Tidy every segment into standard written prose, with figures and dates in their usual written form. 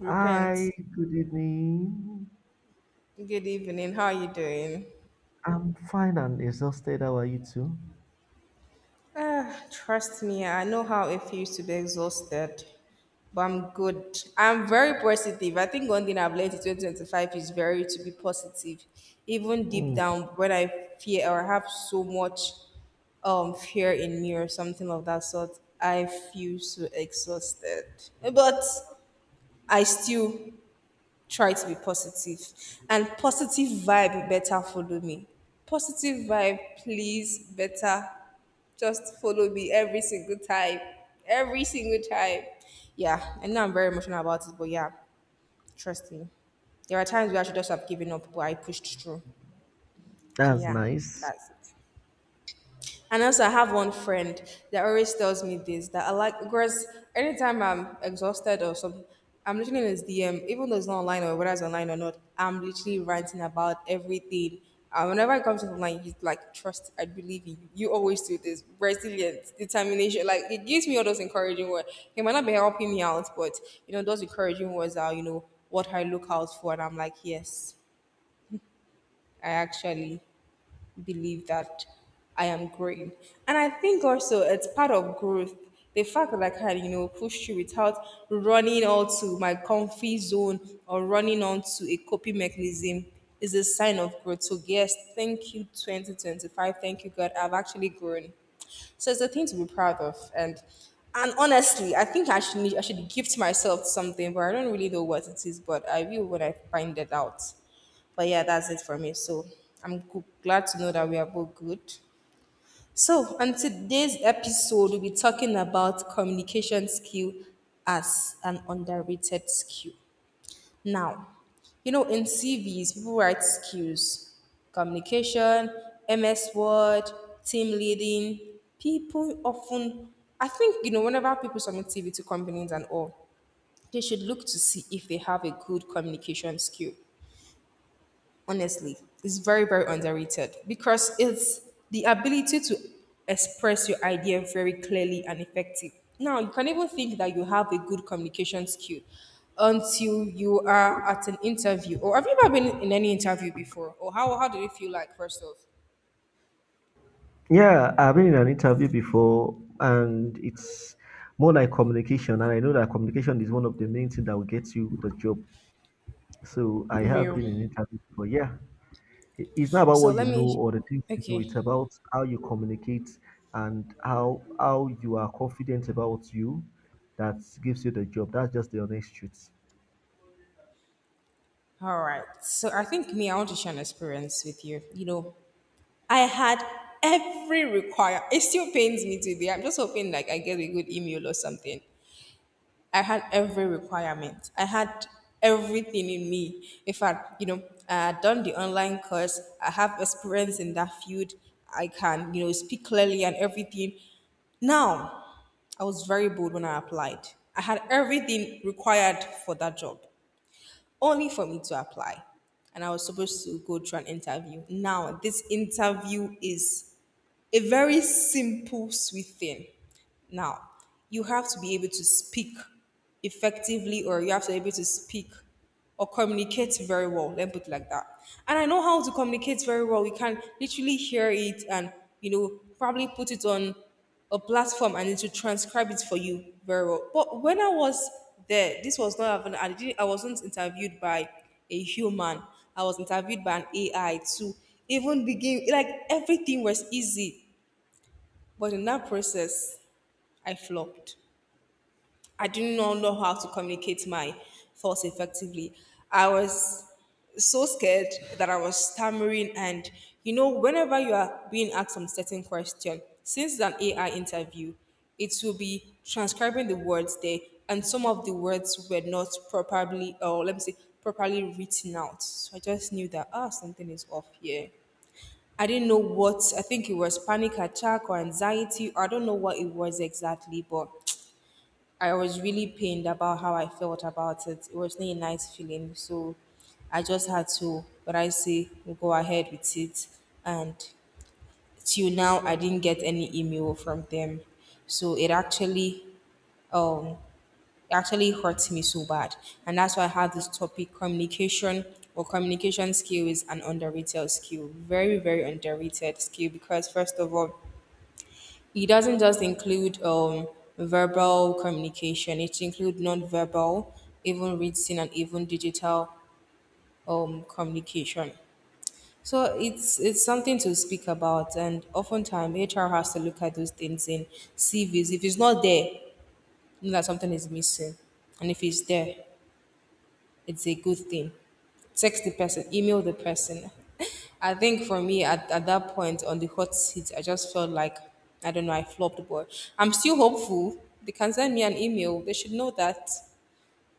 Repent. Hi, good evening. Good evening. How are you doing? I'm fine and exhausted. How are you too? Ah, trust me, I know how it feels to be exhausted, but I'm good. I'm very positive. I think one thing I've learned in 2025 is very to be positive, even deep Mm, down when I fear or have so much fear in me or something of that sort. I feel so exhausted, but I still try to be positive and positive vibe better follow me, positive vibe please better just follow me every single time, every single time. Yeah, I know I'm very emotional about it, but yeah, trust me, there are times where I should just have given up, but I pushed through. So that's yeah, nice. that's it. And also, I have one friend that always tells me this that I like because anytime I'm exhausted or something, I'm literally in his DM, even though it's not online or whether it's online or not, I'm literally ranting about everything. And whenever it comes to online, he's like, trust, I believe in you. You always do this. Resilience, determination. Like, it gives me all those encouraging words. He might not be helping me out, but, those encouraging words are, what I look out for. And I'm like, yes, I actually believe that I am growing. And I think also it's part of growth. The fact that like, I can, push through without running out to my comfy zone or running onto a coping mechanism is a sign of growth. So yes, thank you 2025. Thank you God. I've actually grown. So it's a thing to be proud of. And honestly, I think I should need, I should gift myself something, but I don't really know what it is, but I will when I find it out. But yeah, that's it for me. So glad to know that we are both good. So on today's episode, we'll be talking about communication skill as an underrated skill. Now, you know, in CVs, people write skills, communication, MS Word, team leading. People often, I think, you know, whenever people submit CV to companies and all, they should look to see if they have a good communication skill, honestly. It's very underrated because it's the ability to express your idea very clearly and effective. Now you can even think that you have a good communication skill until you are at an interview. Or have you ever been in any interview before, or how did it feel like first off? Yeah, I've been in an interview before, and it's more like communication. And I know that communication is one of the main things that will get you the job. So I have Real. been in interview before. Yeah, it's not about So what let you know me, or the things you know. okay. It's about how you communicate and how you are confident about you that gives you the job. That's just the honest truth. All right, so I think me, I want to share an experience with you. You know, I had every require. It still pains me today. I'm just hoping like I get a good email or something. I had every requirement. I had everything in me. In fact, you know, I had done the online course. I have experience in that field. I can, you know, speak clearly and everything. Now, I was very bold when I applied. I had everything required for that job, only for me to apply. And I was supposed to go through an interview. Now, this interview is a very simple, sweet thing. Now, you have to be able to speak effectively, or you have to be able to speak or communicate very well. Let me put it like that. And I know how to communicate very well. You can literally hear it and, you know, probably put it on a platform and it will transcribe it for you very well. But when I was there, this was not happening. I wasn't interviewed by a human. I was interviewed by an AI. To even begin, like everything was easy. But in that process, I flopped. I did not know how to communicate my thoughts effectively. I was so scared that I was stammering. And you know, whenever you are being asked some certain question, since it's an AI interview, it will be transcribing the words there, and some of the words were not properly, or let me say, properly written out. So I just knew that ah, something is off here. I didn't know what. I think it was panic attack or anxiety, or I don't know what it was exactly, but I was really pained about how I felt about it. It wasn't a nice feeling. So I just had to, but I say, go ahead with it. And till now, I didn't get any email from them. So um, it actually hurt me so bad. And that's why I had this topic, communication or communication skill is an underrated skill. Very, very underrated skill because, first of all, it doesn't just include verbal communication, it includes non-verbal, even written and even digital communication. So it's something to speak about, and oftentimes HR has to look at those things in CVs. If it's not there, you know that something is missing, and if it's there, it's a good thing. Text the person, email the person. I think for me at that point on the hot seat, I just felt like I don't know, I flopped but I'm still hopeful. They can send me an email. They should know that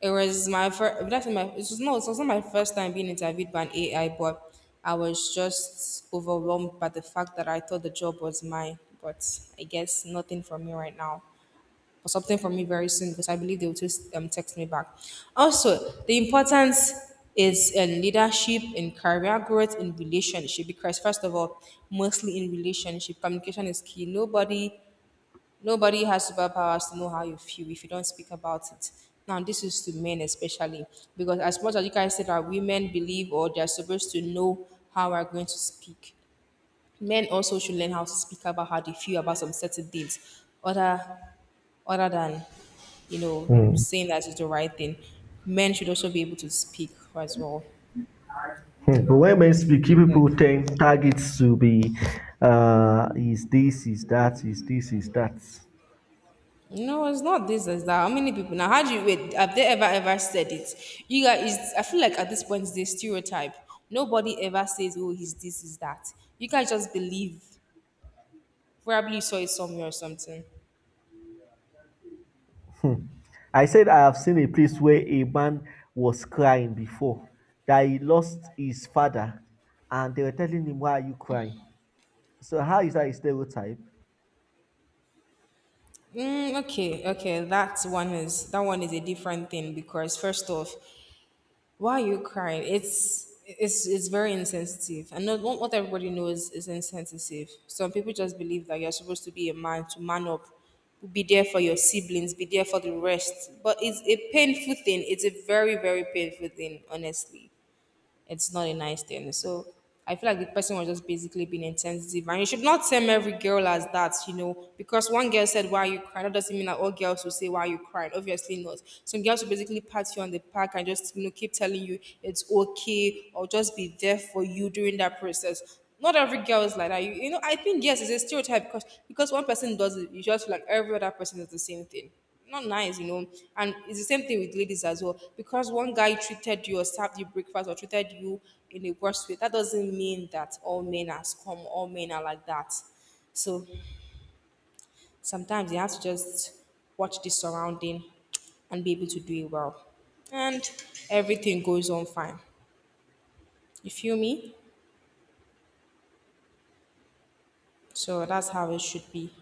it was, no, it was not my first time being interviewed by an AI, but I was just overwhelmed by the fact that I thought the job was mine. But I guess nothing for me right now or something from me very soon because I believe they will just text me back. Also, the importance is in leadership, in career growth, in relationship. Because first of all, mostly in relationship, communication is key. Nobody, nobody has superpowers to know how you feel if you don't speak about it. Now, this is to men especially because as much as you guys say that women believe or they're supposed to know how we're going to speak, men also should learn how to speak about how they feel about some certain things, other than, you know, saying that is the right thing. Men should also be able to speak as well. When men speak, you Yeah. people tend targets to be is this, is that, is this, is that. No, it's not this. It's that. How many people now? How do you wait? Have they ever said it? You guys, it's, I feel like at this point, it's a stereotype. Nobody ever says, "Oh, he's this, is that." You guys just believe. Probably you saw it somewhere or something. Hmm. I said I have seen a place where a man was crying before that he lost his father, and they were telling him, "Why are you crying?" So how is that a stereotype? Mm, okay, okay, that one is a different thing because first off, why are you crying? It's very insensitive. And not what everybody knows is insensitive. Some people just believe that you're supposed to be a man, to man up, be there for your siblings, be there for the rest. But it's a painful thing. It's a very painful thing, honestly. It's not a nice thing. So I feel like the person was just basically being insensitive. And you should not term every girl as that, you know, because one girl said, why are you crying? That doesn't mean that all girls will say, why are you crying? Obviously not. Some girls will basically pat you on the back and just, you know, keep telling you it's okay or just be there for you during that process. Not every girl is like that. You know, I think, yes, it's a stereotype because one person does it, you just feel like every other person is the same thing. Not nice, you know. And it's the same thing with ladies as well. Because one guy treated you or served you breakfast or treated you in a worse way, that doesn't mean that all men are scum, all men are like that. So sometimes you have to just watch the surrounding and be able to do it well. And everything goes on fine. You feel me? So that's how it should be.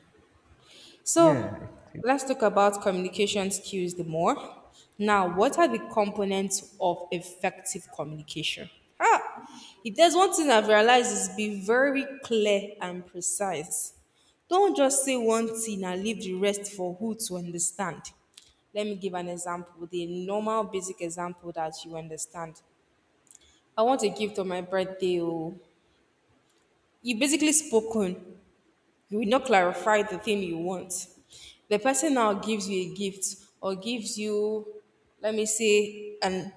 So Yeah. let's talk about communication skills the more. Now, what are the components of effective communication? Ah, if there's one thing I've realized is be very clear and precise. Don't just say one thing and leave the rest for who to understand. Let me give an example, the normal basic example that you understand. I want a gift on my birthday. Oh, you basically spoken, you will not clarify the thing you want. The person now gives you a gift or gives you, let me say, and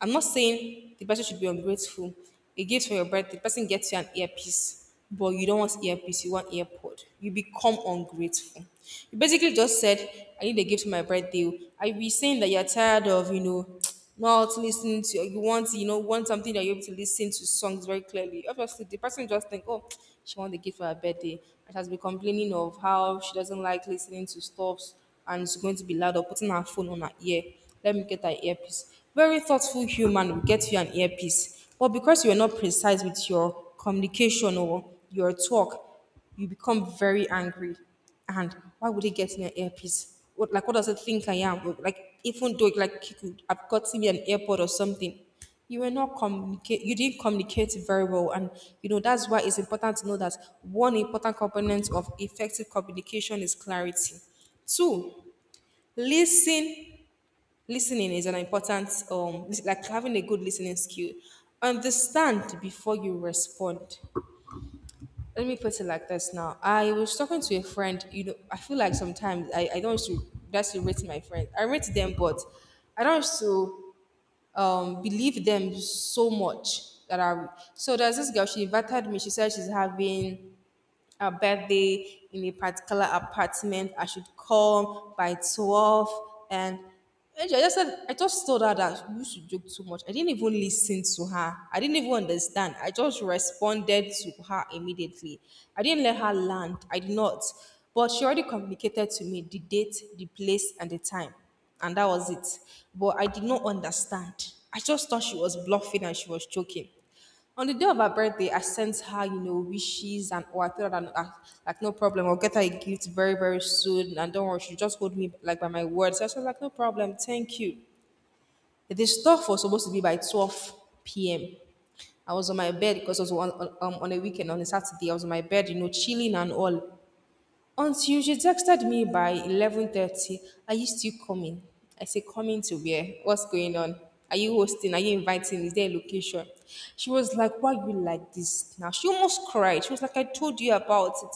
I'm not saying the person should be ungrateful. A gift for your birthday, the person gets you an earpiece, but you don't want earpiece, you want earpod. You become ungrateful. You basically just said, I need a gift for my birthday. I be saying that you're tired of, not listening to you want want something that you're able to listen to songs very clearly. Obviously, the person just think, oh, she want the gift for her birthday and she has been complaining of how she doesn't like listening to stuff and it's going to be loud or putting her phone on her ear. Let me get her earpiece. Very thoughtful human will get you an earpiece, but because you're not precise with your communication or your talk, you become very angry. And why would he get me an earpiece? What, like, what does it think I am? Well, like, even though, like, he could have gotten me an airpod or something. You were not communicate, you didn't communicate very well. And you know that's why it's important to know that one important component of effective communication is clarity. Two, listen. Listening is an important like having a good listening skill. Understand before you respond. Let me put it like this now. I was talking to a friend, you know, I feel like sometimes I don't used to, that's to rate my friend. I rate them, but I don't used to believe them so much that I, so there's this girl, she invited me, she said she's having a birthday in a particular apartment. I should come by 12. And I just said, I just told her that you should joke too much. I didn't even listen to her. I didn't even understand. I just responded to her immediately. I didn't let her land. I did not. But she already communicated to me the date, the place, and the time. And that was it. But I did not understand. I just thought she was bluffing and she was joking. On the day of her birthday, I sent her, you know, wishes and, oh, I told her that like no problem, I'll get her a gift very, very soon. And don't worry, she just hold me like by my word. So I was like, no problem, thank you. The stuff was supposed to be by 12 p.m. I was on my bed because it was on a weekend, on a Saturday. I was on my bed, you know, chilling and all. Until she texted me by 11:30, are you still coming? I say coming to where? What's going on? Are you hosting? Are you inviting? Is there a location? She was like, why you like this now? She almost cried. She was like, I told you about it.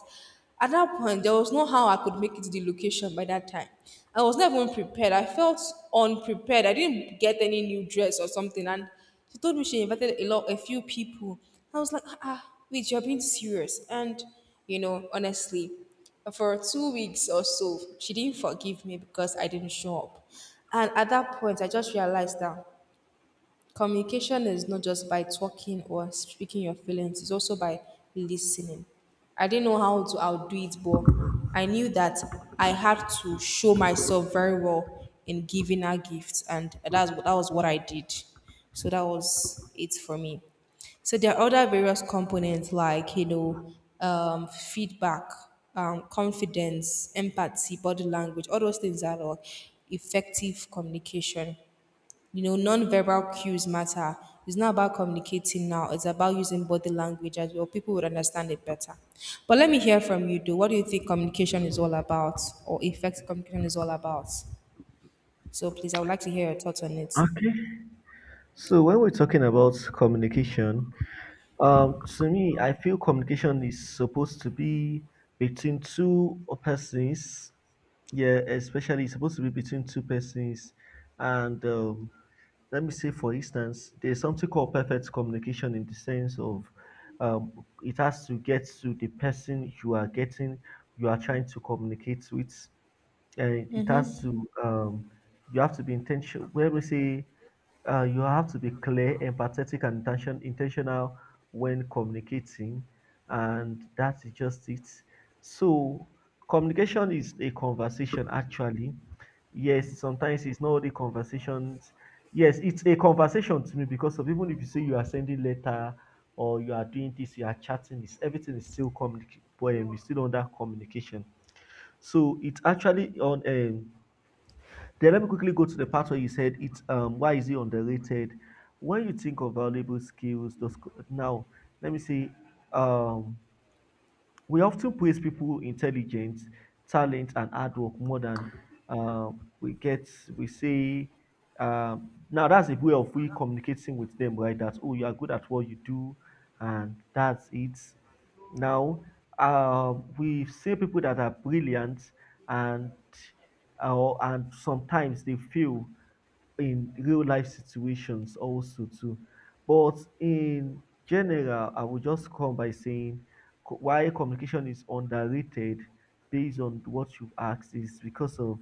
At that point, there was no how I could make it to the location by that time. I was not even prepared. I felt unprepared. I didn't get any new dress or something. And she told me she invited a lot, a few people. I was like, ah, ah, wait, you're being serious. And, you know, honestly, for 2 weeks or so, she didn't forgive me because I didn't show up. And at that point, I just realized that communication is not just by talking or speaking your feelings, it's also by listening. I didn't know how to outdo it, but I knew that I had to show myself very well in giving her gifts, and that was what I did. So that was it for me. So there are other various components like, you know, feedback, confidence, empathy, body language. All those things are all effective communication. You know, non-verbal cues matter. It's not about communicating now. It's about using body language as well. People would understand it better. But let me hear from you, though. What do you think communication is all about, or effective communication is all about? So, please, I would like to hear your thoughts on it. Okay. So when we're talking about communication, to me, I feel communication is supposed to be between two persons. Yeah, especially it's supposed to be between two persons. And let me say, for instance, there's something called perfect communication in the sense of it has to get to the person you are getting, you are trying to communicate with, and it has to you have to be intentional where we say you have to be clear, empathetic and intentional when communicating, and that is just it. So communication is a conversation, actually. Yes, sometimes it's not the conversations. Yes, it's a conversation to me, because of even if you say you are sending letter or you are doing this, you are chatting, it's everything is still communicate, but still under communication. So it's actually on. Then let me quickly go to the part where you said it's why is it underrated? When you think of valuable skills, those now let me see. Um, we often praise people intelligence, talent, and hard work more than uh, we get. We say, now that's a way of we communicating with them, right? That oh, you are good at what you do, and that's it. Now, we see people that are brilliant, and and sometimes they fail in real life situations also too. But in general, I will just come by saying why communication is underrated based on what you've asked is because of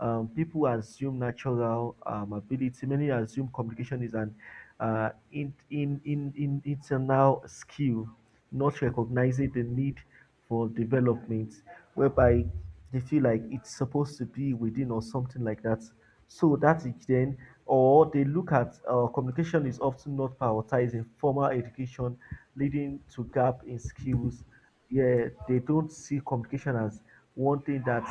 people assume natural ability. Many assume communication is an in internal skill, not recognizing the need for development, whereby they feel like it's supposed to be within or something like that. So that is then, or they look at communication is often not prioritized in formal education, leading to gap in skills. Yeah, they don't see communication as one thing that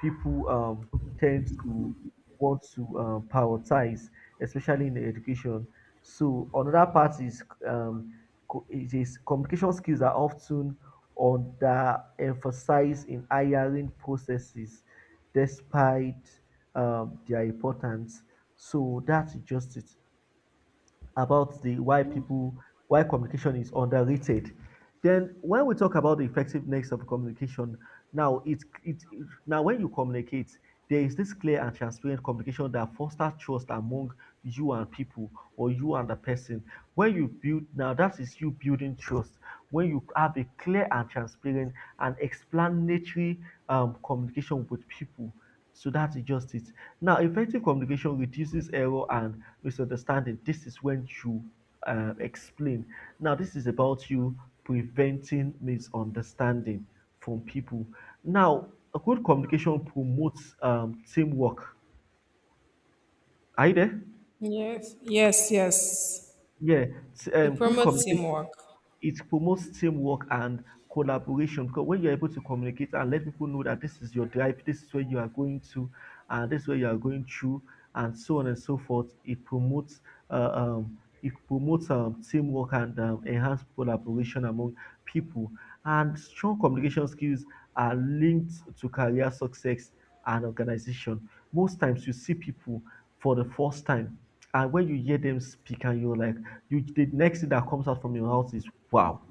people tend to want to prioritize, especially in education. So another part is it is communication skills are often underemphasized in hiring processes, despite their importance. So that's just it about the why people why communication is underrated. Then when we talk about the effectiveness of communication, now now when you communicate, there is this clear and transparent communication that fosters trust among you and people or you and the person. When you build, now that is you building trust. When you have a clear and transparent and explanatory communication with people, so that's just it. Now, effective communication reduces error and misunderstanding. This is when you explain. Now, this is about you preventing misunderstanding from people. Now, a good communication promotes teamwork. Are you there? Yes, yes, yes. Yeah, It good promotes communication teamwork. it promotes teamwork and collaboration, because when you're able to communicate and let people know that this is your drive, this is where you are going to, and this is where you are going through, and so on and so forth, it promotes teamwork and enhance collaboration among people. And strong communication skills are linked to career success and organization. Most times, you see people for the first time and when you hear them speak and you're like, you the next thing that comes out from your mouth is wow,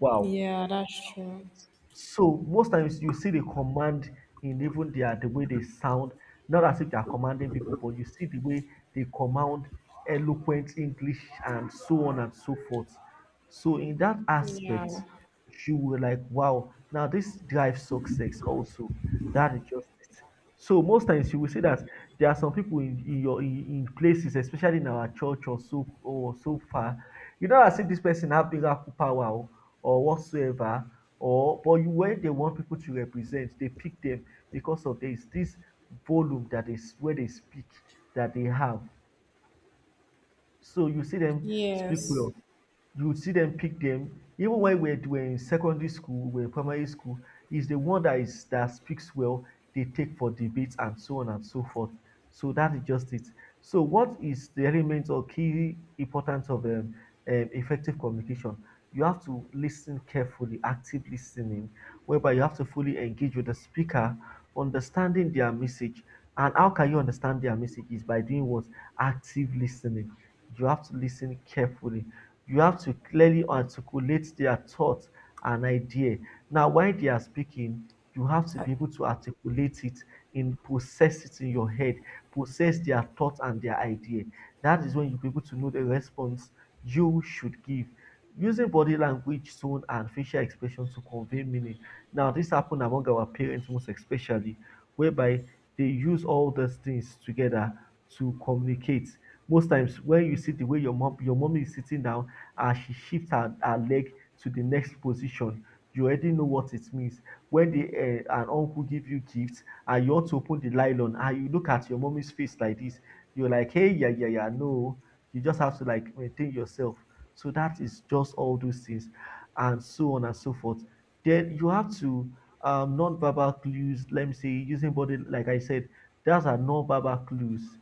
wow. Yeah, that's true. So most times you see the command in even their the way they sound, not as if they are commanding people, but you see the way they command eloquent English and so on and so forth. So in that aspect, Yeah. you were like, wow, now this drives success also. That is just it. So most times you will see that there are some people in your in places, especially in our church or so far, you know as if this person have miracle power or whatsoever, or but you, when they want people to represent, they pick them because of this volume that is where they speak that they have. So you see them speak Yes. well. You see them pick them. Even when we're in secondary school, we're in primary school, is the one that is that speaks well. They take for debates and so on and so forth. So that is just it. So what is the element or key importance of effective communication? You have to listen carefully, active listening, whereby you have to fully engage with the speaker, understanding their message. And how can you understand their message? Is by doing what? Active listening, you have to listen carefully. You have to clearly articulate their thought and idea. Now, while they are speaking, you have to Uh, be able to articulate it and process it in your head, process their thought and their idea. That is when you'll be able to know the response you should give. Using body language, tone, and facial expression to convey meaning. Now, this happened among our parents most especially, whereby they use all those things together to communicate. Most times when you see the way your mom your mommy is sitting down and she shifts her leg to the next position, you already know what it means. When the an uncle give you gifts and you want to open the nylon and you look at your mommy's face like this, you're like hey yeah, yeah, yeah, no. You just have to like maintain yourself. So that is just all those things and so on and so forth. Then you have to non-verbal clues, let me say using body like I said, those are non-verbal clues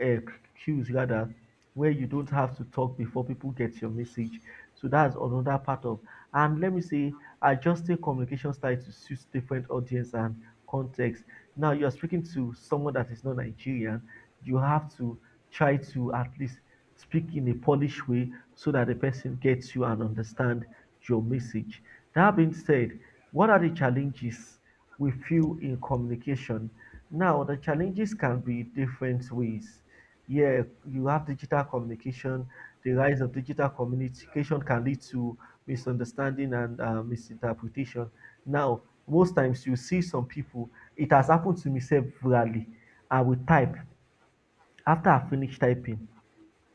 uh, queues rather, where you don't have to talk before people get your message. So that's another part of, and let me say adjusting communication style to suit different audience and context. Now you're speaking to someone that is not Nigerian, you have to try to at least speak in a Polish way so that the person gets you and understand your message. That being said, what are the challenges we feel in communication? Now, the challenges can be different ways. Yeah, you have digital communication. The rise of digital communication can lead to misunderstanding and misinterpretation. Now, most times you see some people, it has happened to me severally. I will type. After I finish typing,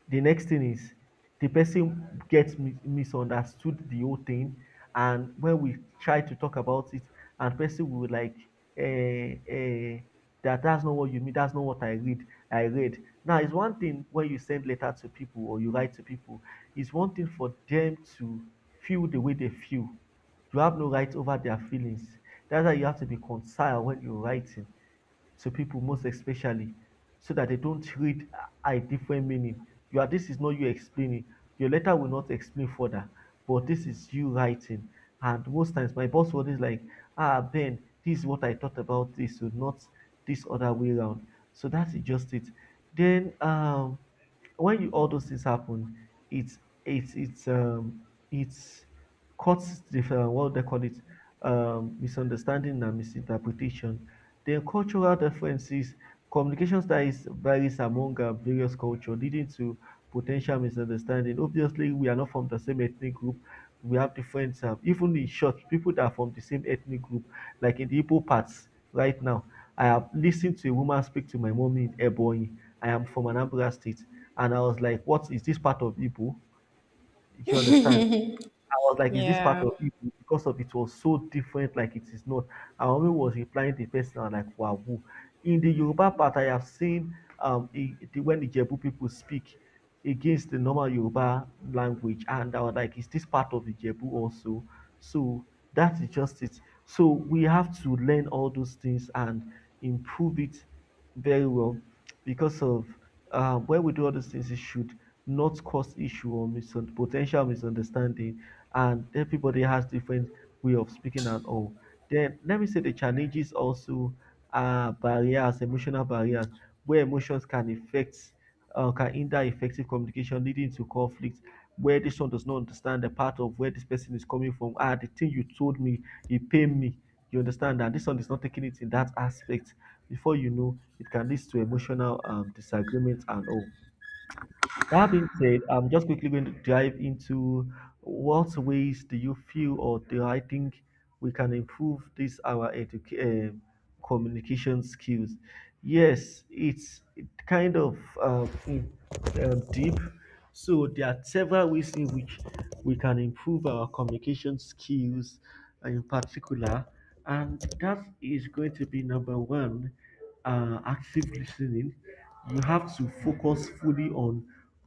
the next thing is the person gets misunderstood the whole thing, and when we try to talk about it, and person will like eh, eh, that that's not what you mean, that's not what I read. I read. Now, it's one thing when you send letter to people or you write to people, it's one thing for them to feel the way they feel. You have no right over their feelings. That's why you have to be concerned when you're writing to people, most especially, so that they don't read a different meaning. Your this is not you explaining. Your letter will not explain further, but this is you writing. And most times my boss was always like, ah Ben, this is what I thought about this, so not this other way around. So that's just it. Then when you all those things happen, it's it's it's um it's cuts the what they call it misunderstanding and misinterpretation. The cultural differences. Communication styles varies among various culture, leading to potential misunderstanding. Obviously, we are not from the same ethnic group. We have different, even in short, people that are from the same ethnic group, like in the Igbo parts right now. I have listened to a woman speak to my mommy in Ebonyi. I am from Anambra State. And I was like, what is this part of Igbo? You understand? I was like, is this part Yeah. of it? Because of it was so different, like it is not. And Omi was replying the person, I'm like, wow. Woo." In the Yoruba part, I have seen the, when the Jebu people speak against the normal Yoruba language, and I was like, is this part of the Jebu also? So that is just it. So we have to learn all those things and improve it very well because of when we do all these things, it should not cause issue or potential misunderstanding, and everybody has different way of speaking and all. Then let me say the challenges also are barriers, emotional barriers, where emotions can affect, can hinder effective communication, leading to conflict. Where this one does not understand the part of where this person is coming from. Ah, the thing you told me, it pained me. You understand that this one is not taking it in that aspect. Before you know, it can lead to emotional disagreement and all. That being said, I'm just quickly going to dive into what ways do you feel, or do I think we can improve this our communication skills? Yes, it's kind of deep. So there are several ways in which we can improve our communication skills, in particular, and that is going to be number one, active listening. You have to focus fully on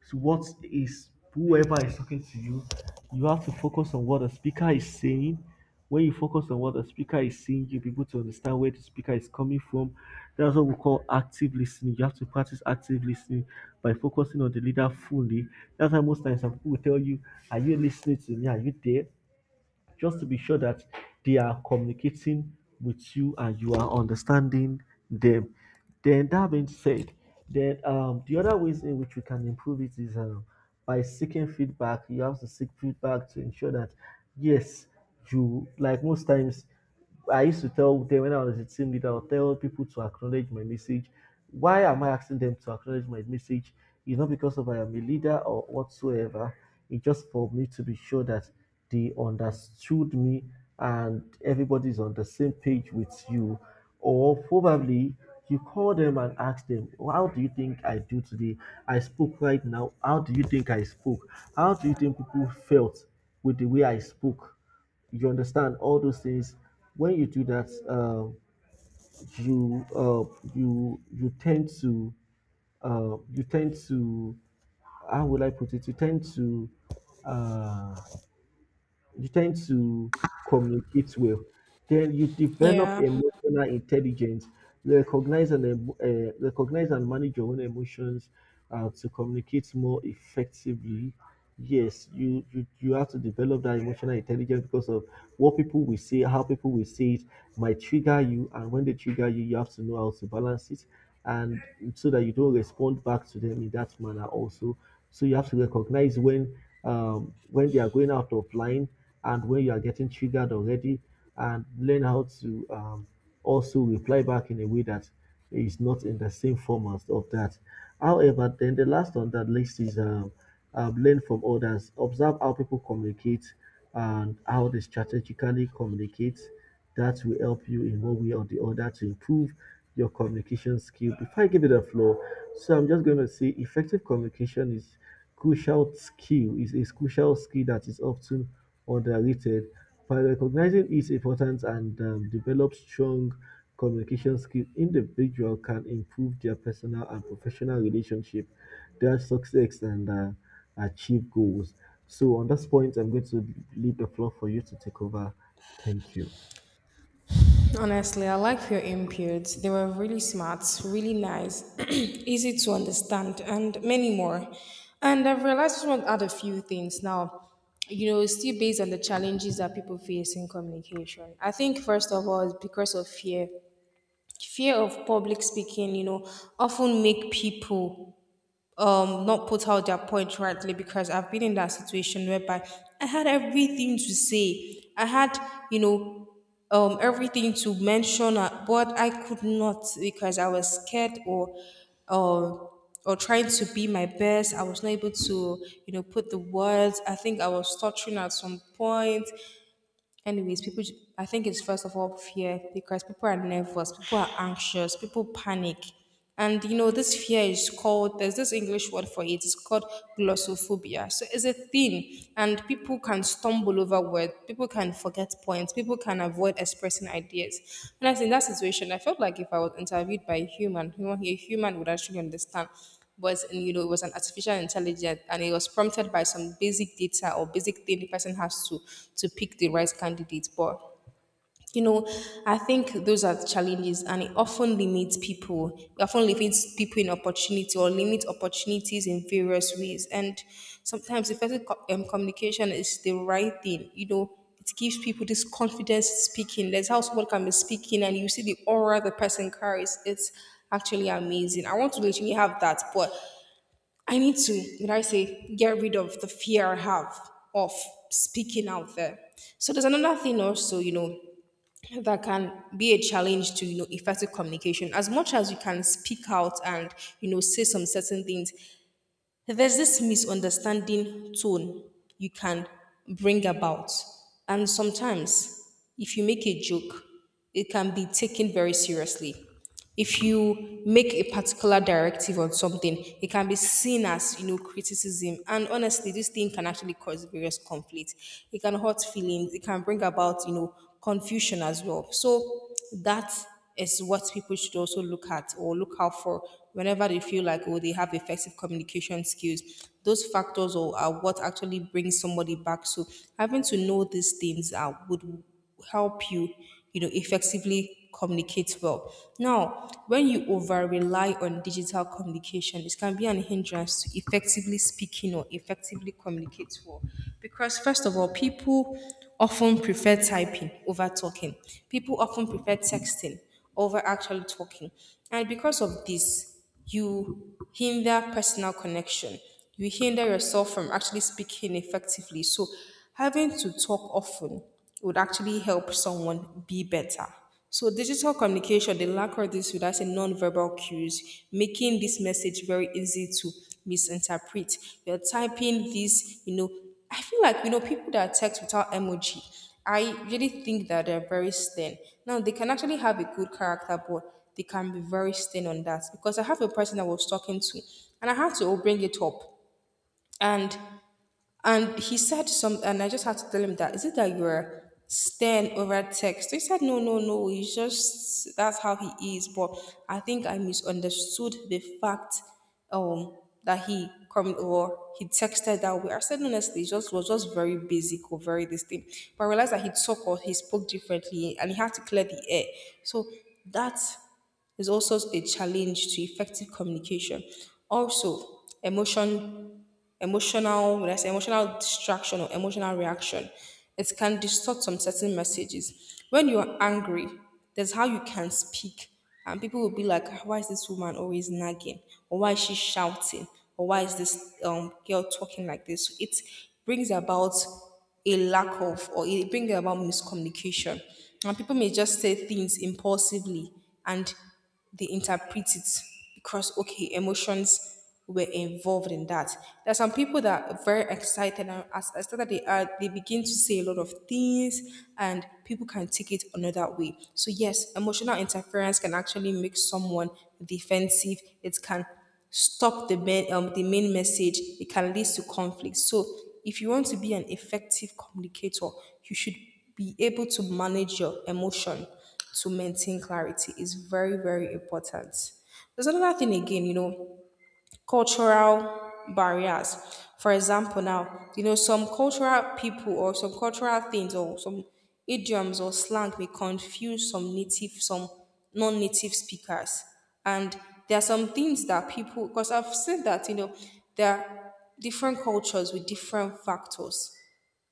to what is whoever is talking to you. You have to focus on what the speaker is saying. When you focus on what the speaker is saying, you'll be able to understand where the speaker is coming from. That's what we call active listening. You have to practice active listening by focusing on the leader fully. That's why most times some people will tell you, are you listening to me, are you there, just to be sure that they are communicating with you and you are understanding them. Then, that being said, then the other ways in which we can improve it is by seeking feedback. You have to seek feedback to ensure that, yes, you, like most times, I used to tell them when I was a team leader, I'll tell people to acknowledge my message. Why am I asking them to acknowledge my message? It's not because of I am a leader or whatsoever. It's just for me to be sure that they understood me and everybody's on the same page with you. Or probably you call them and ask them, how do you think I do today? I spoke right now. How do you think I spoke? How do you think people felt with the way I spoke? You understand all those things. When you do that, you, you tend to, you tend to, how will I put it, you tend to, uh, you tend to communicate well. Then you develop Yeah. emotional intelligence, recognize and recognize and manage your own emotions to communicate more effectively. Yes, you have to develop that emotional intelligence because of what people will say, how people will say it might trigger you, and when they trigger you, you have to know how to balance it, and so that you don't respond back to them in that manner also. So you have to recognize when, when they are going out of line and when you are getting triggered already, and learn how to also reply back in a way that is not in the same format of that. However, then the last on that list is learn from others, observe how people communicate and how they strategically communicate. That will help you in one way or the other to improve your communication skill. Before I give it the floor, so I'm just going to say effective communication is crucial skill, is a crucial skill that is often underrated. By recognizing its importance and develop strong communication skill, individual can improve their personal and professional relationship, their success, and achieve goals. So on this point, I'm going to leave the floor for you to take over. Thank you. Honestly, I like your inputs. They were really smart, really nice, easy to understand, and many more. And I've realized I want to add a few things now. You know, it's still based on the challenges that people face in communication. I think first of all, it's because of fear. Fear of public speaking, you know, often make people not put out their point rightly because I've been in that situation whereby I had everything to say. I had, you know, everything to mention, but I could not because I was scared um or trying to be my best. I was not able to, you know, put the words. I think I was stuttering at some point. Anyways, people, I think it's first of all fear because people are nervous, people are anxious, people panic. And you know, this fear is called, there's this English word for it, it's called glossophobia. So it's a thing, and people can stumble over words, people can forget points, people can avoid expressing ideas. And I was in that situation. I felt like if I was interviewed by a human, a human would actually understand. Was in, you know, it was an artificial intelligence and it was prompted by some basic data or basic thing the person has to pick the right candidate, but you know, I think those are the challenges and it often limits people, it often limits people in opportunity or limit opportunities in various ways. And sometimes effective communication is the right thing. You know, it gives people this confidence speaking. There's how someone can be speaking and you see the aura the person carries. It's actually amazing. I want to literally have that, but I need to, did I say, get rid of the fear I have of speaking out there. So there's another thing also, you know, that can be a challenge to, you know, effective communication. As much as you can speak out and, you know, say some certain things, there's this misunderstanding tone you can bring about. And sometimes, if you make a joke, it can be taken very seriously. If you make a particular directive on something, it can be seen as, you know, criticism. And honestly, this thing can actually cause various conflict. It can hurt feelings. It can bring about, you know, confusion as well. So that is what people should also look at or look out for whenever they feel like, oh, they have effective communication skills. Those factors or are what actually brings somebody back. So having to know these things, would help you, you know, effectively communicate well. Now when you over rely on digital communication, it can be an hindrance to effectively speaking or effectively communicate well because first of all, people often prefer typing over talking. People often prefer texting over actually talking. And because of this, you hinder personal connection. You hinder yourself from actually speaking effectively. So, having to talk often would actually help someone be better. So digital communication, they lack of this with us in non-verbal cues, making this message very easy to misinterpret. You're typing this, you know, I feel like, you know, people that text without emoji, I really think that they're very stern. Now, they can actually have a good character, but they can be very stern on that because I have a person I was talking to and I had to bring it up. And and he said some, and I just had to tell him that, is it that you're stern over text? So he said, no, no, no, he's just, that's how he is. But I think I misunderstood the fact um, that he come or he texted that way. I said, honestly, he just was just very basic or very this thing. But I realized that he talked or he spoke differently and he had to clear the air. So that's also a challenge to effective communication. Also, emotional, when I say emotional distraction or emotional reaction, it can distort some certain messages. When you're angry, there's how you can speak, and people will be like, "Ah, why is this woman always nagging? Or why is she shouting? Or why is this girl talking like this?" So it brings about a lack of, or it brings about miscommunication, and people may just say things impulsively and they interpret it because okay, emotions were involved in that. There are some people that are very excited and as excited that they are, they begin to say a lot of things and people can take it another way. So yes, emotional interference can actually make someone defensive. It can stop the main, the main message. It can lead to conflict. So if you want to be an effective communicator, you should be able to manage your emotion to maintain clarity is very, very important. There's another thing again, you know, cultural barriers. For example, now, you know, some cultural people or some cultural things or some idioms or slang may confuse some native, some non native speakers. And there are some things that people, because I've said that, you know, there are different cultures with different factors,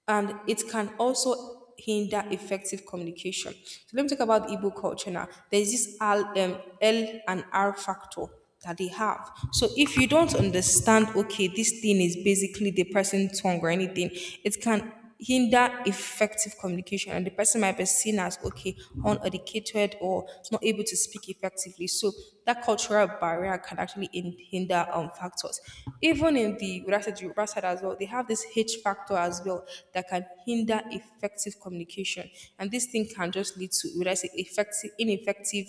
and it can also hinder effective communication. So let me talk about the Igbo culture now. There's this L, L and R factor that they have. So if you don't understand, okay, this thing is basically the person's tongue or anything, it can hinder effective communication, and the person might be seen as okay uneducated or not able to speak effectively. So that cultural barrier can actually hinder factors. Even in the what I said, Yoruba side as well, they have this H factor as well that can hinder effective communication, and this thing can just lead to what I say effective ineffective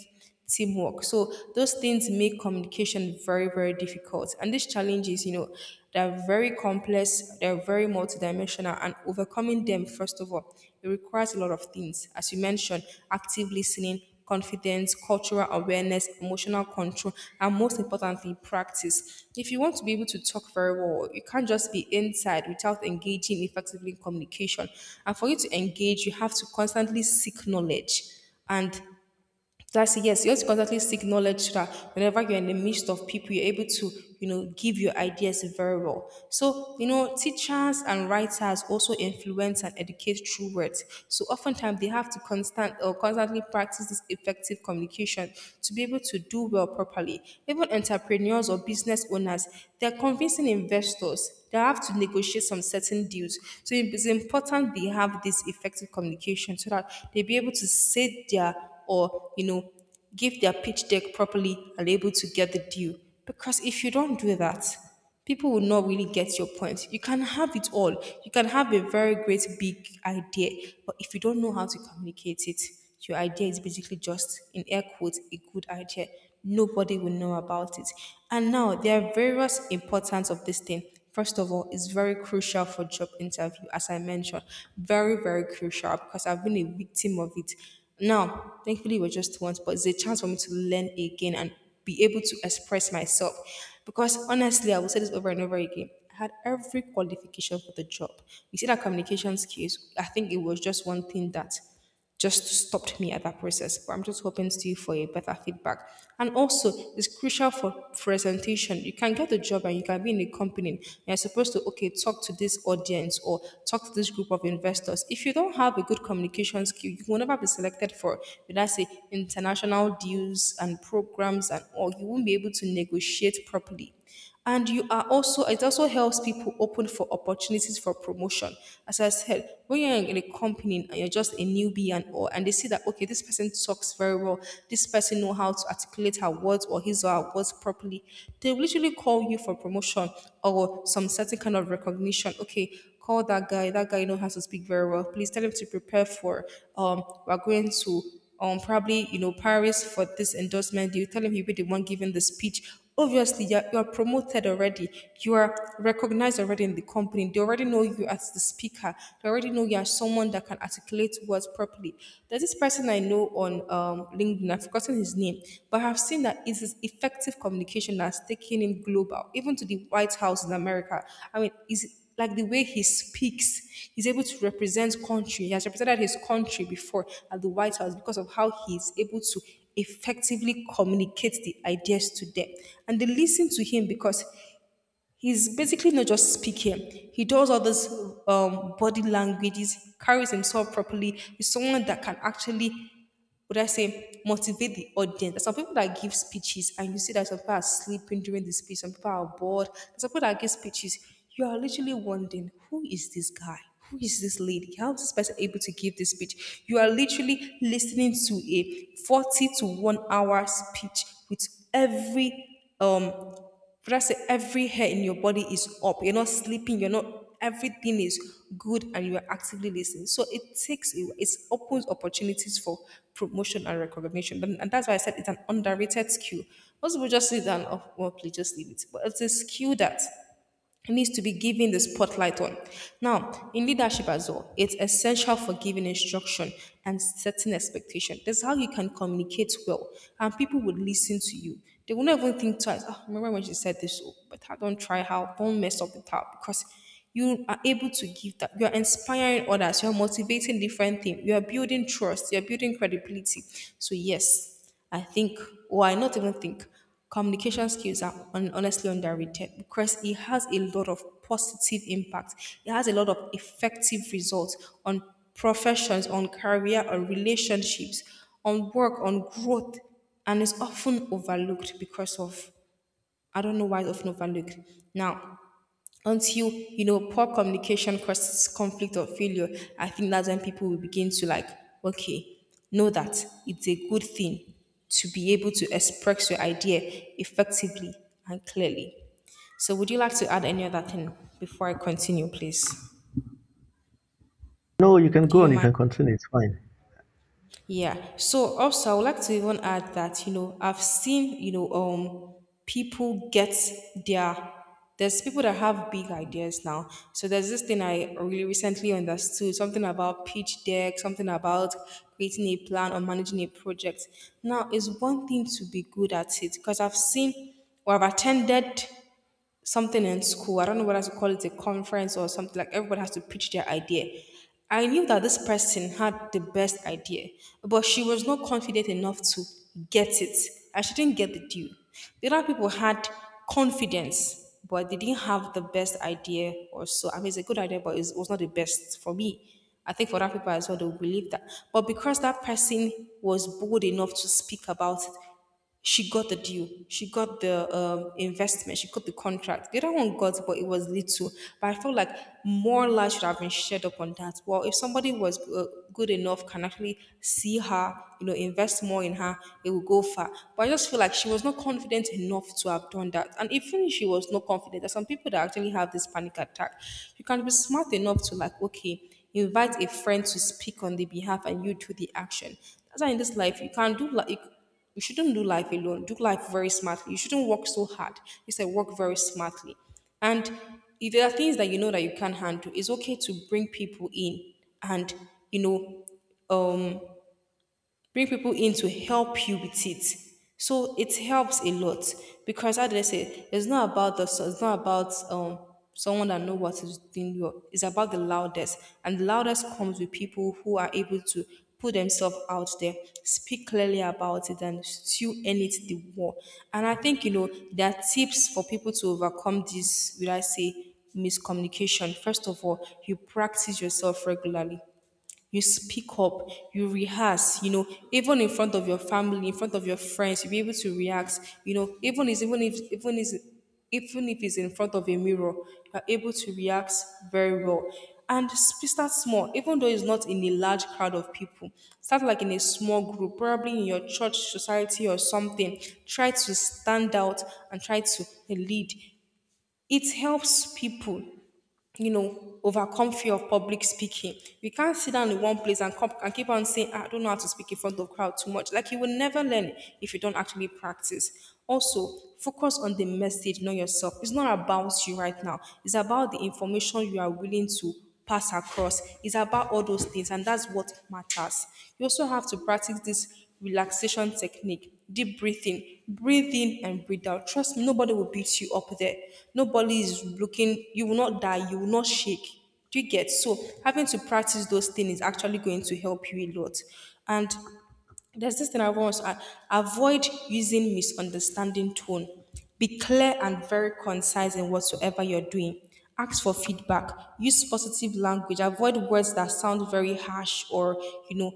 teamwork. So those things make communication very, very difficult. And these challenges, you know, they're very complex, they're very multidimensional, and overcoming them, first of all, it requires a lot of things. As you mentioned, active listening, confidence, cultural awareness, emotional control, and most importantly, practice. If you want to be able to talk very well, you can't just be inside without engaging effectively in communication. And for you to engage, you have to constantly seek knowledge and that's it. Yes, you have to constantly seek knowledge so that whenever you're in the midst of people, you're able to, you know, give your ideas very well. So, you know, teachers and writers also influence and educate through words. So oftentimes they have to constant or constantly practice this effective communication to be able to do well properly. Even entrepreneurs or business owners, they're convincing investors, they have to negotiate some certain deals. So it's important they have this effective communication so that they be able to say their, or you know, give their pitch deck properly and are able to get the deal. Because if you don't do that, people will not really get your point. You can have it all. You can have a very great big idea, but if you don't know how to communicate it, your idea is basically just in air quotes a good idea. Nobody will know about it. And now there are various importance of this thing. First of all, it's very crucial for job interview, as I mentioned. Very, very crucial, because I've been a victim of it. Now, thankfully, it was just once, but it's a chance for me to learn again and be able to express myself. Because honestly, I will say this over and over again. I had every qualification for the job. You see that communication skills, I think it was just one thing that just stopped me at that process. But I'm just hoping still for a better feedback. And also, it's crucial for presentation. You can get the job and you can be in a company. And you're supposed to, okay, talk to this audience or talk to this group of investors. If you don't have a good communication skill, you will never be selected for, let's say, international deals and programs, and or you won't be able to negotiate properly. And you are also, it also helps people open for opportunities for promotion. As I said, when you're in a company and you're just a newbie and all, and they see that, okay, this person talks very well, this person know how to articulate manipulate her words or his or her words properly, they literally call you for promotion or some certain kind of recognition. Okay, call that guy. That guy knows how to speak very well. Please tell him to prepare for. We're going to probably you know Paris for this endorsement. You tell him he'll be the one giving the speech. Obviously you're promoted already, you are recognized already in the company, they already know you as the speaker, they already know you are someone that can articulate words properly. There's this person I know on LinkedIn, I've forgotten his name, but I've seen that it is effective communication that's taken in global even to the White House in America. I mean is like the way he speaks, he's able to represent country. He has represented his country before at the White House because of how he's able to effectively communicate the ideas to them, and they listen to him because he's basically not just speaking. He does all those body languages, carries himself properly. He's someone that can actually, would I say, motivate the audience. There's some people that give speeches and you see that some people are sleeping during the speech, some people are bored. There's some people that give speeches. You are literally wondering, who is this guy? Who is this lady? How is this person able to give this speech? You are literally listening to a 40 to 1 hour speech with every, but I say every hair in your body is up. You're not sleeping. You're not. Everything is good, and you are actively listening. So it takes you. It opens opportunities for promotion and recognition. And that's why I said it's an underrated skill. Most people just sit down. Oh, well, please just leave it. But it's a skill that needs to be given the spotlight on. Now, in leadership as well, it's essential for giving instruction and setting expectation. That's how you can communicate well, and people would listen to you. They will not even think twice. Ah, remember when she said this? Oh, but I don't try how. Don't mess up the top, because you are able to give that. You are inspiring others. You are motivating different things. You are building trust. You are building credibility. So yes, I think, or I not even think, communication skills are honestly underrated, because it has a lot of positive impact. It has a lot of effective results on professions, on career, on relationships, on work, on growth, and is often overlooked because of, I don't know why it's often overlooked. Now, until you know poor communication causes conflict or failure, I think that's when people will begin to like, okay, know that it's a good thing to be able to express your idea effectively and clearly. So would you like to add any other thing before I continue, please? No, you can Do go you on. You mind? can continue. It's fine. Yeah. So also, I would like to even add that, you know, I've seen, you know, people get their there's people that have big ideas now. So there's this thing I really recently understood something about pitch deck, something about creating a plan or managing a project. Now it's one thing to be good at it, because I've seen or I've attended something in school. I don't know whether to call it a conference or something, like everybody has to pitch their idea. I knew that this person had the best idea, but she was not confident enough to get it. And she didn't get the due. The other people had confidence, but they didn't have the best idea or so. I mean, it's a good idea, but it was not the best for me. I think for other people as well, they will believe that. But because that person was bold enough to speak about it, she got the deal. She got the investment. She got the contract. The other one got, but it was little. But I felt like more light should have been shared up on that. Well, if somebody was good enough, can actually see her, you know, invest more in her, it will go far. But I just feel like she was not confident enough to have done that. And even if she was not confident, there's some people that actually have this panic attack. You can be smart enough to like, okay, invite a friend to speak on the behalf, and you do the action. That's why in this life you can't do like, you shouldn't do life alone. Do life very smartly. You shouldn't work so hard. You said work very smartly. And if there are things that you know that you can't handle, it's okay to bring people in and, you know, um, bring people in to help you with it. So it helps a lot, because how did I say, it's not about the, it's not about someone that know what is doing well. It's about the loudest, and the loudest comes with people who are able to put themselves out there, speak clearly about it, and still end it the war. And I think you know there are tips for people to overcome this. Will I say miscommunication? First of all, you practice yourself regularly, you speak up, you rehearse, you know, even in front of your family, in front of your friends, you'll be able to react, you know, even if it's in front of a mirror, you're able to react very well. And start small, even though it's not in a large crowd of people. Start like in a small group, probably in your church society or something. Try to stand out and try to lead. It helps people, you know, overcome fear of public speaking. You can't sit down in one place and, come, and keep on saying, "Ah, I don't know how to speak in front of crowd too much." Like you will never learn if you don't actually practice. Also, focus on the message, not yourself. It's not about you right now. It's about the information you are willing to pass across. It's about all those things, and that's what matters. You also have to practice this relaxation technique, deep breathing, breathe in and breathe out. Trust me, nobody will beat you up there. Nobody is looking, you will not die, you will not shake. Do you get? So having to practice those things is actually going to help you a lot. And there's this thing I want to add. Avoid using misunderstanding tone. Be clear and very concise in whatsoever you're doing. Ask for feedback. Use positive language. Avoid words that sound very harsh or, you know,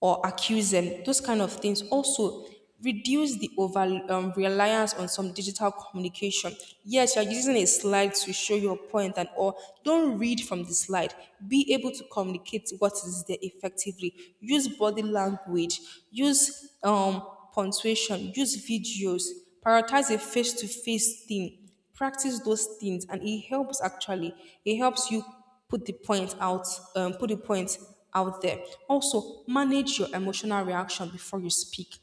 or accuse them, those kind of things. Also, reduce the over reliance on some digital communication. Yes, you're using a slide to show your point and all. Don't read from the slide. Be able to communicate what is there effectively. Use body language. Use punctuation. Use videos. Prioritize a face-to-face thing, practice those things, and it helps actually, it helps you put the point out, put the point out there. Also, manage your emotional reaction before you speak.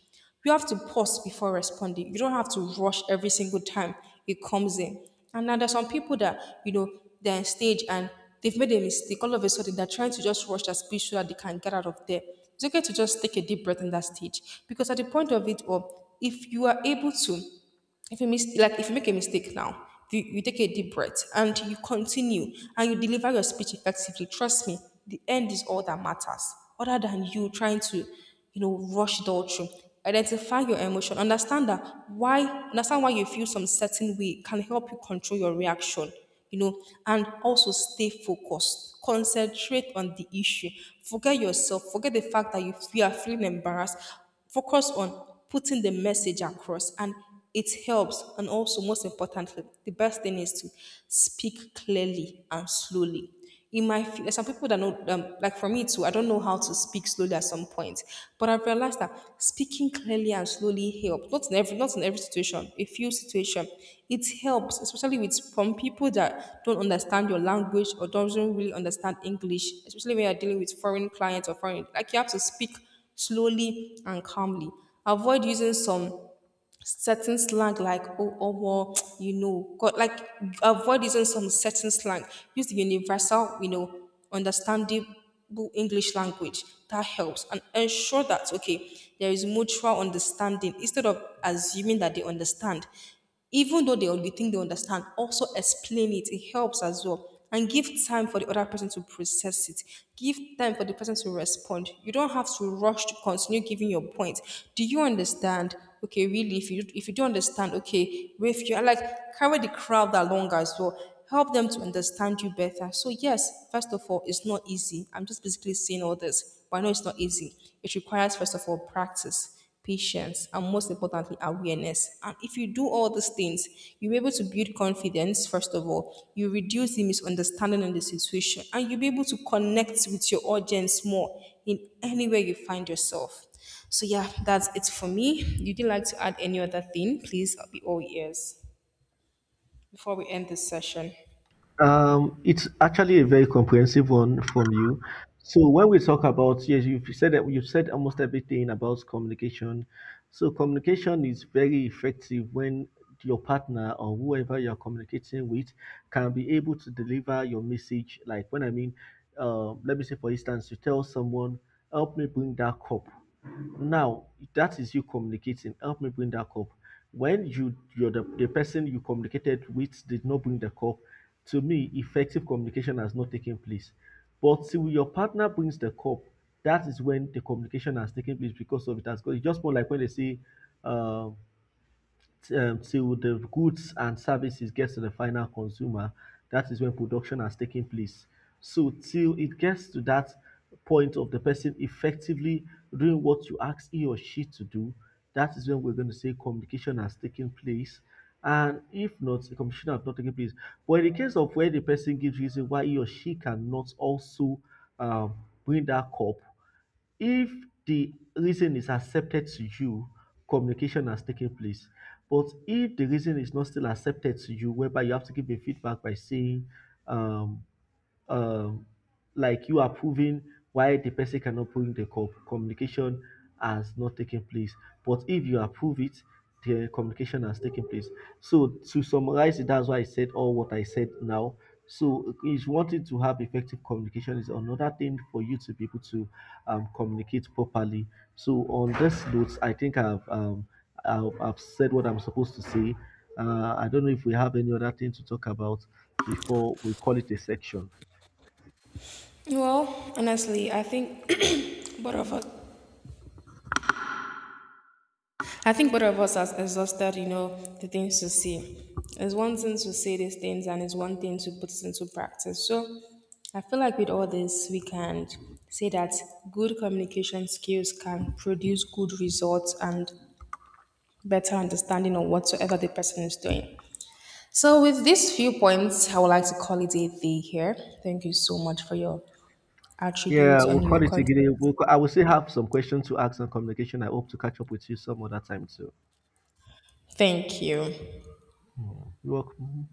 You have to pause before responding. You don't have to rush every single time it comes in. And now there's some people that, you know, they're on stage and they've made a mistake, all of a sudden they're trying to just rush that speech so that they can get out of there. It's okay to just take a deep breath in that stage, because at the point of it all, if you are able to, if you like if you make a mistake now, you take a deep breath and you continue and you deliver your speech effectively. Trust me, the end is all that matters, other than you trying to, you know, rush it all through. Identify your emotion, understand that why, understand why you feel some certain way can help you control your reaction, you know. And also stay focused, concentrate on the issue. Forget yourself, forget the fact that you are feeling embarrassed. Focus on putting the message across, and it helps. And also, most importantly, the best thing is to speak clearly and slowly. In my, there's some people that know, like for me too, I don't know how to speak slowly at some point, but I've realized that speaking clearly and slowly helps. Not in every situation, a few situation, it helps, especially with, from people that don't understand your language or doesn't really understand English, especially when you're dealing with foreign clients or foreign. Like you have to speak slowly and calmly. Avoid using some certain slang like oh oh well, you know got, like avoid using some certain slang. Use the universal, you know, understandable English language. That helps. And ensure that okay, there is mutual understanding, instead of assuming that they understand even though they only think they understand. Also explain it, it helps as well, and give time for the other person to process it. Give time for the person to respond. You don't have to rush to continue giving your point. Do you understand? Okay, really, if you, if you don't understand, okay with you, like carry the crowd along as well. Help them to understand you better. So yes, first of all, it's not easy. I'm just basically saying all this, but I know it's not easy. It requires, first of all, practice, patience, and most importantly, awareness. And if you do all these things, you'll be able to build confidence, first of all. You reduce the misunderstanding in the situation, and you'll be able to connect with your audience more in anywhere you find yourself. So, yeah, that's it for me. Would you like to add any other thing? Please, I'll be all ears before we end this session. It's actually a very comprehensive one from you. So when we talk about, yes, you've said that, you've said almost everything about communication. So communication is very effective when your partner or whoever you're communicating with can be able to deliver your message. Like, when I mean, let me say, for instance, you tell someone, "Help me bring that cup." Now that is you communicating. Help me bring that cup. When you're the person you communicated with did not bring the cup, to me effective communication has not taken place. But till your partner brings the cup, that is when the communication has taken place, because of it has got, it's just more like when they say, um till the goods and services get to the final consumer, that is when production has taken place. So till it gets to that point of the person effectively doing what you ask he or she to do, that is when we're going to say communication has taken place. And if not, the communication has not taken place. But in the case of where the person gives reason why he or she cannot also um, bring that cup, if the reason is accepted to you, communication has taken place. But if the reason is not still accepted to you, whereby you have to give a feedback by saying, um, um, like you are proving why the person cannot put in the cup, communication has not taken place. But if you approve it, the communication has taken place. So to summarize it, that's why I said all what I said now. So is wanting to have effective communication is another thing for you to be able to communicate properly. So on this note, I think I've said what I'm supposed to say. I don't know if we have any other thing to talk about before we call it a section. Well, honestly, I think both of us, I think both of us has exhausted, you know, the things to say. It's one thing to say these things and it's one thing to put it into practice. So I feel like with all this, we can say that good communication skills can produce good results and better understanding of whatsoever the person is doing. So with these few points, I would like to call it a day here. Thank you so much for your Yeah, attributes on we'll your call it a content. day. I will still have some questions to ask on communication. I hope to catch up with you some other time too. Thank you. You're welcome.